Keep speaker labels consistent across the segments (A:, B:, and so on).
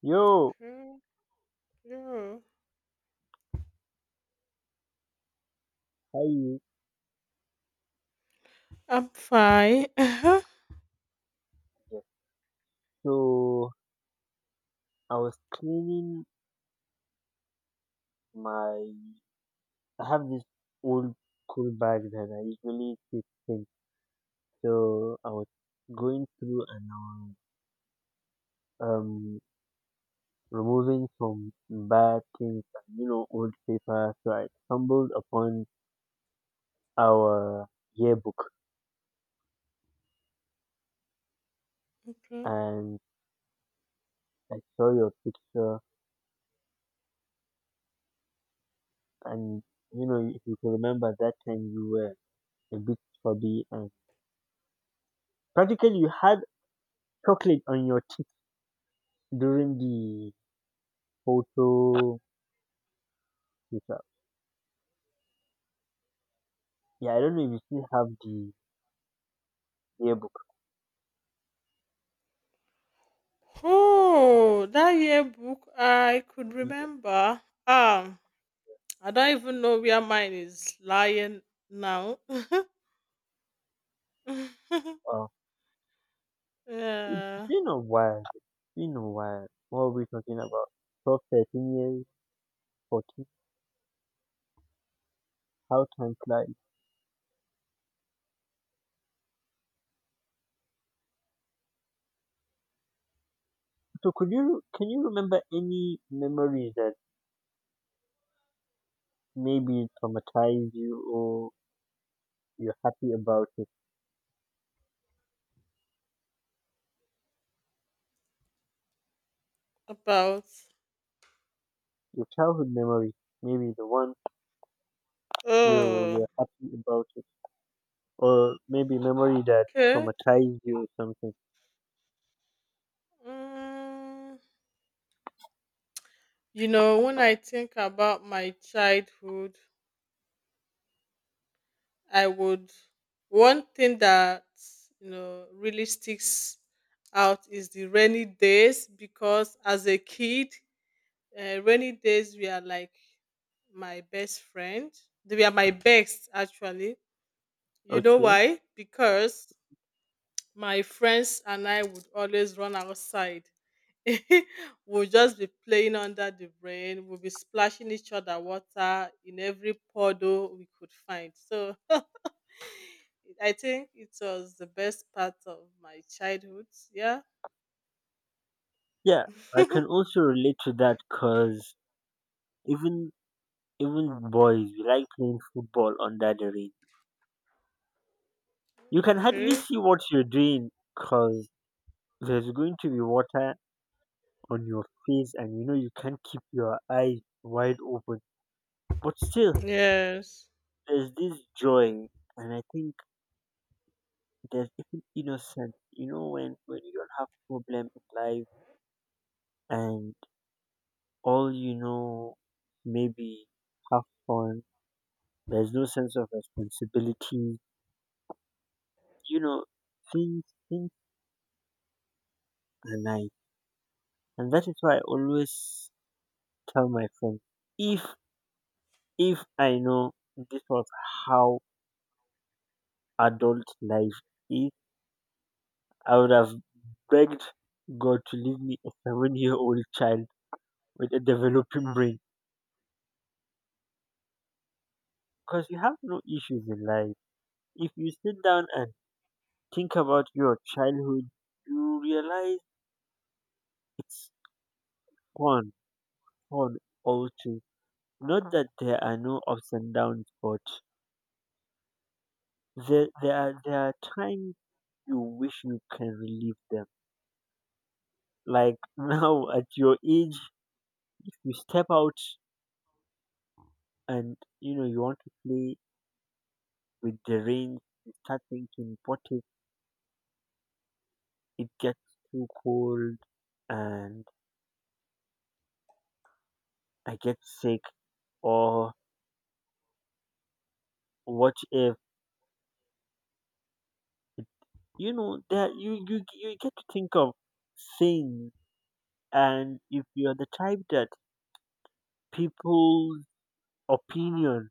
A: Yo,
B: Okay. Yeah.
A: how you?
B: I'm fine.
A: Yes. So I was cleaning my. I have this old cool bag that I usually keep things. So I was going through, and I was um removing some bad things, and, you know, old paper. So I stumbled upon our yearbook,
B: Okay.
A: and I saw your picture, and you know, if you can remember that time, you were a bit chubby and practically you had chocolate on your teeth during the photo shoot-up. Yeah, I don't know if you still have the yearbook.
B: Oh, that yearbook I could
A: Mm,
B: remember. I don't even know where mine is lying now.
A: Uh, it's
B: Yeah.
A: been a while. It's been a while. What are we talking about? 12, 13 years, 14. How time flies. So could you can you remember any memories that maybe traumatized you, or you're happy about it?
B: About.
A: Your childhood memory, maybe the one you
B: Oh.
A: you're happy about it, or maybe memory that
B: Okay.
A: traumatized you or something.
B: Mm, when I think about my childhood, I would one thing that really sticks out is the rainy days because as a kid, rainy days were like my best friend. They were my best actually. You know
A: Okay.
B: why? Because my friends and I would always run outside. We'll just be playing under the rain. We'll be splashing each other water in every puddle we could find. So I think it was the best part of my childhood. Yeah.
A: Yeah, I
B: Okay.
A: can also relate to that, because even even boys, we like playing football under the rain. You can hardly see what you're doing, because there's going to be water on your face, and you know, you can't keep your eyes wide open. But still,
B: Yes.
A: there's this joy, and I think there's even innocence. You know, when you don't have problem in life, and all you know, maybe have fun. There's no sense of responsibility, you know, things things are nice, and that is why I always tell my friends, if if I know this was how adult life is, I would have begged God to leave me a 7-year old child with a developing brain. Because you have no issues in life. If you sit down and think about your childhood, you realize it's fun, fun all too. Not that there are no ups and downs, but there are times you wish you can relieve them. Like now, at your age, if you step out and you know you want to play with the rain, you start thinking, what if it gets too cold and I get sick, or what if it, you know, that you get to think of things, and if you're the type that people's opinion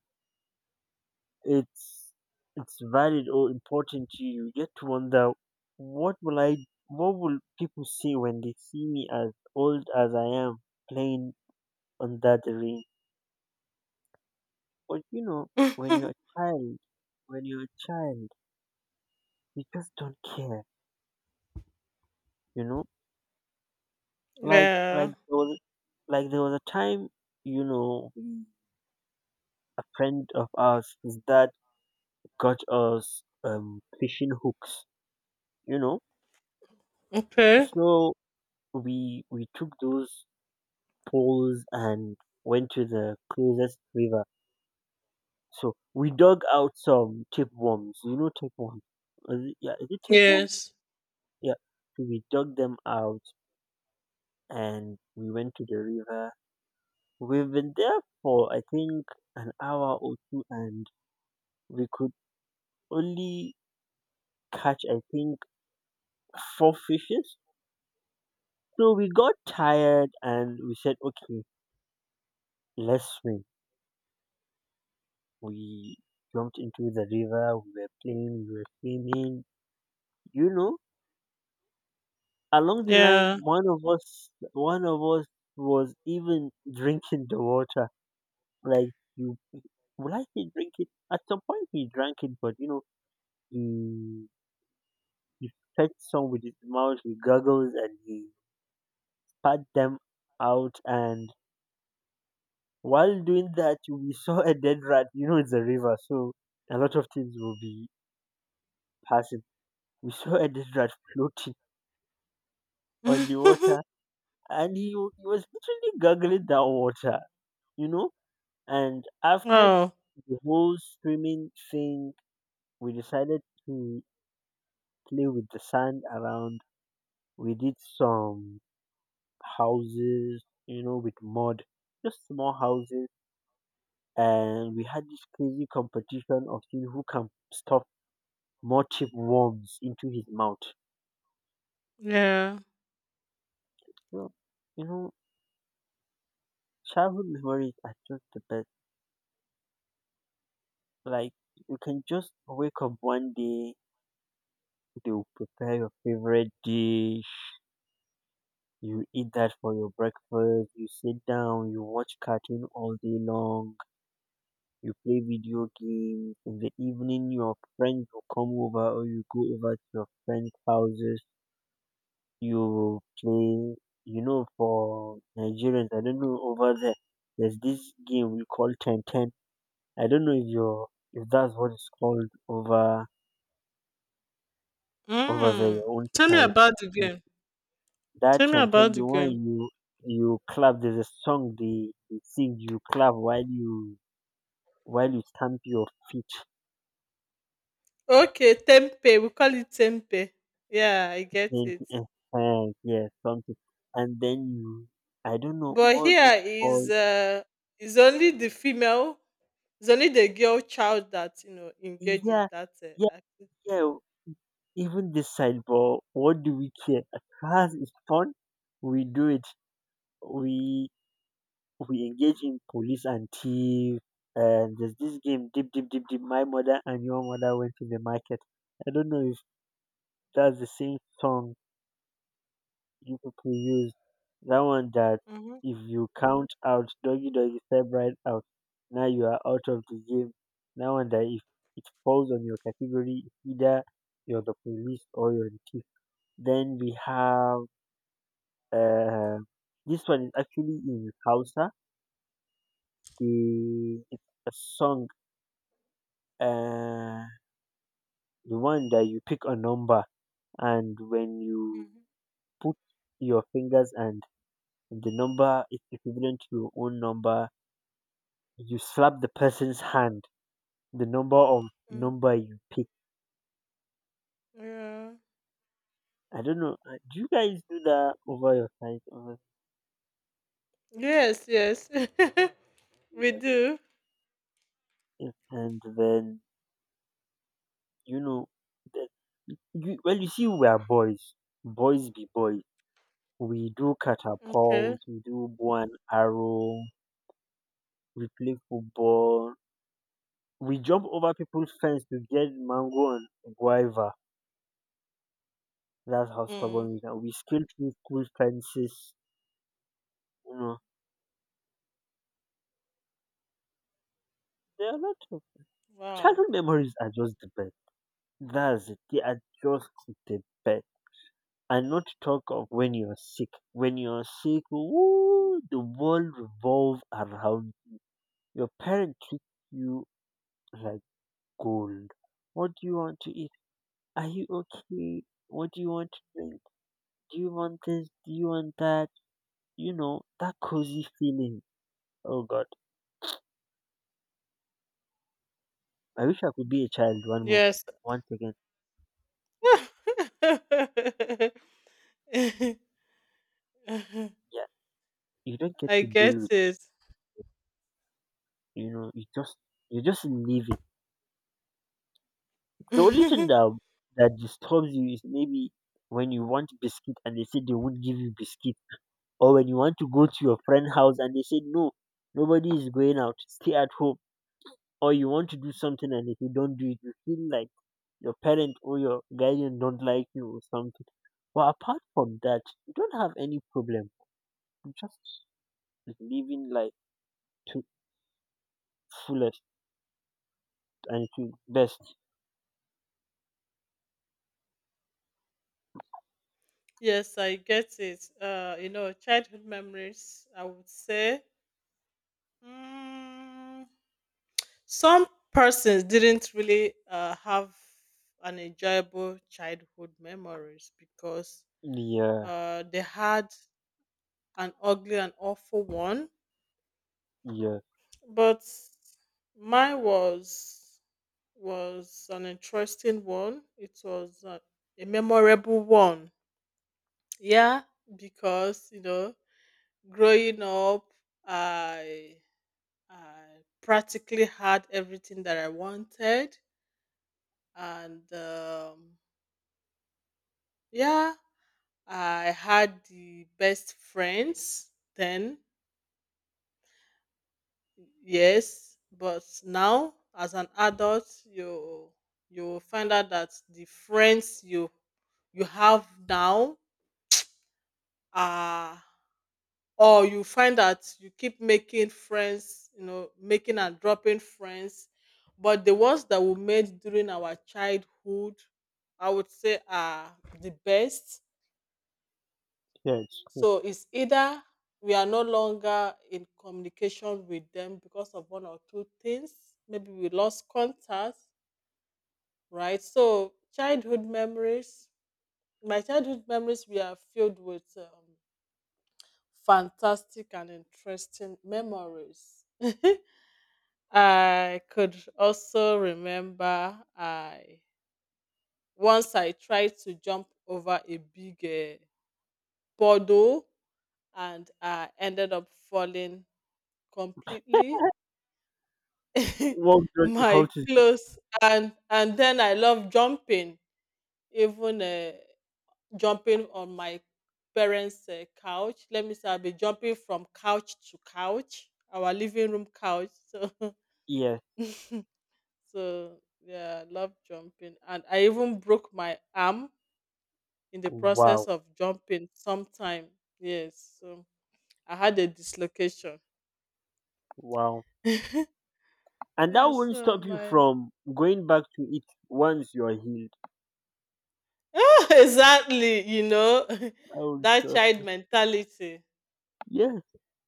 A: it's it's valid or important to you, you get to wonder what will I what will people say when they see me as old as I am playing under the rain? But you know, when you're a child when you're a child, you just don't care, you know? Like like
B: Yeah.
A: there was like there was a time, you know, a friend of ours, his dad got us fishing hooks, you know.
B: Okay.
A: So we took those pools and went to the closest river. So we dug out some tapeworms. You know tapeworms? Is it, yeah, is it tapeworm?
B: Yes.
A: Yeah. So we dug them out and we went to the river. We've been there for, I think, an hour or two, and we could only catch, I think, four fishes. So we got tired and we said, okay, let's swim. We jumped into the river. We were playing. We were swimming. You know, along the line,
B: Yeah.
A: one of us was even drinking the water. Like, you, would I say drink it? At some point, he drank it, but you know, he he fed some with his mouth. He gurgles and he spat them out. And while doing that, we saw a dead rat. You know, it's a river, so a lot of things will be passing. We saw a dead rat floating on the water, and he, he was literally gurgling that water. You know. And after
B: Oh.
A: the whole streaming thing, we decided to play with the sand around. We did some houses, you know, with mud, just small houses. And we had this crazy competition of seeing who can stuff more worms into his mouth.
B: Yeah.
A: So, you know, childhood memories are just the best. Like, you can just wake up one day, they will prepare your favorite dish. You eat that for your breakfast, you sit down, you watch cartoon all day long, you play video games. In the evening, your friends will come over, or you go over to your friends' houses. You play, you know, for Nigerians, I don't know, over there, there's this game we call ten ten. I don't know if you're, if that's what it's called over, over there,
B: Mm.
A: your own
B: Tell me
A: side.
B: about the game.
A: That
B: Tell me
A: chant,
B: about the
A: the one
B: game.
A: you, you clap, there's a song they sing, you clap while you, while you stamp your feet.
B: Okay, tempe. We call it tempe. Yeah, I get
A: And
B: it.
A: yeah, something, and then you, I don't know
B: But
A: what's
B: here
A: it called.
B: is only the female, it's only the girl child that engage in
A: Yeah,
B: that
A: yeah,
B: activity.
A: yeah, even this side, but what do we care? As far as it's fun, we do it. We we engage in police and thief. And there's this game, deep deep deep deep, my mother and your mother went to the market. I don't know if. That's the same song you people used. That one that, if you count out doggy doggy, step right out, now you are out of the game. That one that, if it falls on your category, either you're the police or you're the thief. Then we have uh, this one is actually in Hausa. The, it's a song, uh the one that you pick a number, and when you
B: Mhm.
A: put your fingers, and if the number is equivalent to your own number, you slap the person's hand the number of
B: Mm.
A: number you pick.
B: Yeah.
A: I don't know. Do you guys do that over your side? Over,
B: Yes, yes. We
A: yeah.
B: do.
A: And then, you know, the- you, well, you see, we are boys. Boys be boys. We do
B: Okay.
A: catapult, we do bow and arrow, we play football. We jump over people's fence to get mango and guava. That's how
B: Mm.
A: stubborn we are. We scale through school fences. There are a lot of
B: Wow.
A: childhood memories, are just the best. That's it. They are just the best. And not to talk of when you're sick. When you're sick, woo, the world revolves around you. Your parents treat you like gold. What do you want to eat? Are you okay? What do you want to drink? Do you want this? Do you want that? You know, that cozy feeling. Oh God. I wish I could be a child one more
B: Yes.
A: once again. Yeah. You don't get
B: I
A: to deal
B: get
A: with.
B: it.
A: You know, you just, you just leave it. The only thing that that disturbs you is maybe when you want biscuit and they say they won't give you biscuit, or when you want to go to your friend's house and they say no, nobody is going out, stay at home, or you want to do something, and if you don't do it, you feel like your parent or your guardian don't like you or something. But apart from that, you don't have any problem. You just living life to fullest and to best.
B: Yes, I get it. You know, childhood memories, I would say. Mm, some persons didn't really have an enjoyable childhood memories because
A: Yeah,
B: they had an ugly and awful one.
A: yeah,
B: But mine was an interesting one. It was a memorable one. Yeah, because you know, growing up, I I practically had everything that I wanted, and yeah, I had the best friends then. Yes, but now as an adult, you will find out that the friends you have now are, or you find that you keep making friends, you know, making and dropping friends, but the ones that we made during our childhood, I would say, are the best.
A: yes.
B: So it's either we are no longer in communication with them because of one or two things, maybe we lost contact, right? So childhood memories, my childhood memories were filled with fantastic and interesting memories. I could also remember I once I tried to jump over a big puddle and I ended up falling completely.
A: What done
B: My
A: equal to zero.
B: clothes, and then I love jumping, even jumping on my parents' couch. Let me say, I'll be jumping from couch to couch, our living room couch. So,
A: Yeah.
B: so yeah, I love jumping, and I even broke my arm in the process
A: Wow.
B: of jumping sometime. Yes, so I had a dislocation.
A: Wow.
B: Yeah,
A: And that won't
B: so
A: stop you
B: my
A: from going back to it once you are healed.
B: exactly, you know,
A: I will
B: that
A: stop.
B: child mentality.
A: Yes.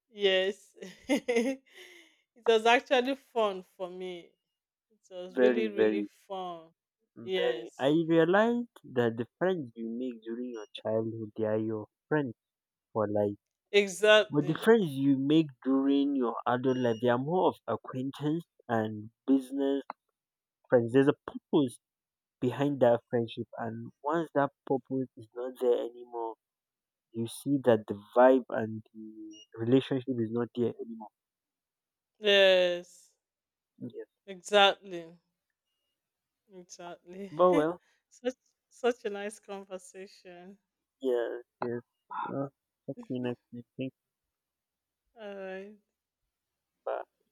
B: Yes. It was actually fun for me. It was
A: Very,
B: really, really
A: very,
B: fun.
A: very. I
B: Yes,
A: realized that the friends you make during your childhood, they are your friends for life. But the
B: exactly.
A: friends you make during your adult life, they are more of acquaintance and business friends. There's a purpose behind that friendship. And once that purpose is not there anymore, you see that the vibe and the relationship is not there anymore.
B: Yes,
A: Yes.
B: exactly. Exactly.
A: But well,
B: such Such a nice conversation.
A: yes, yes. Uh, talk to you next week. Thanks.
B: All right.
A: Bye.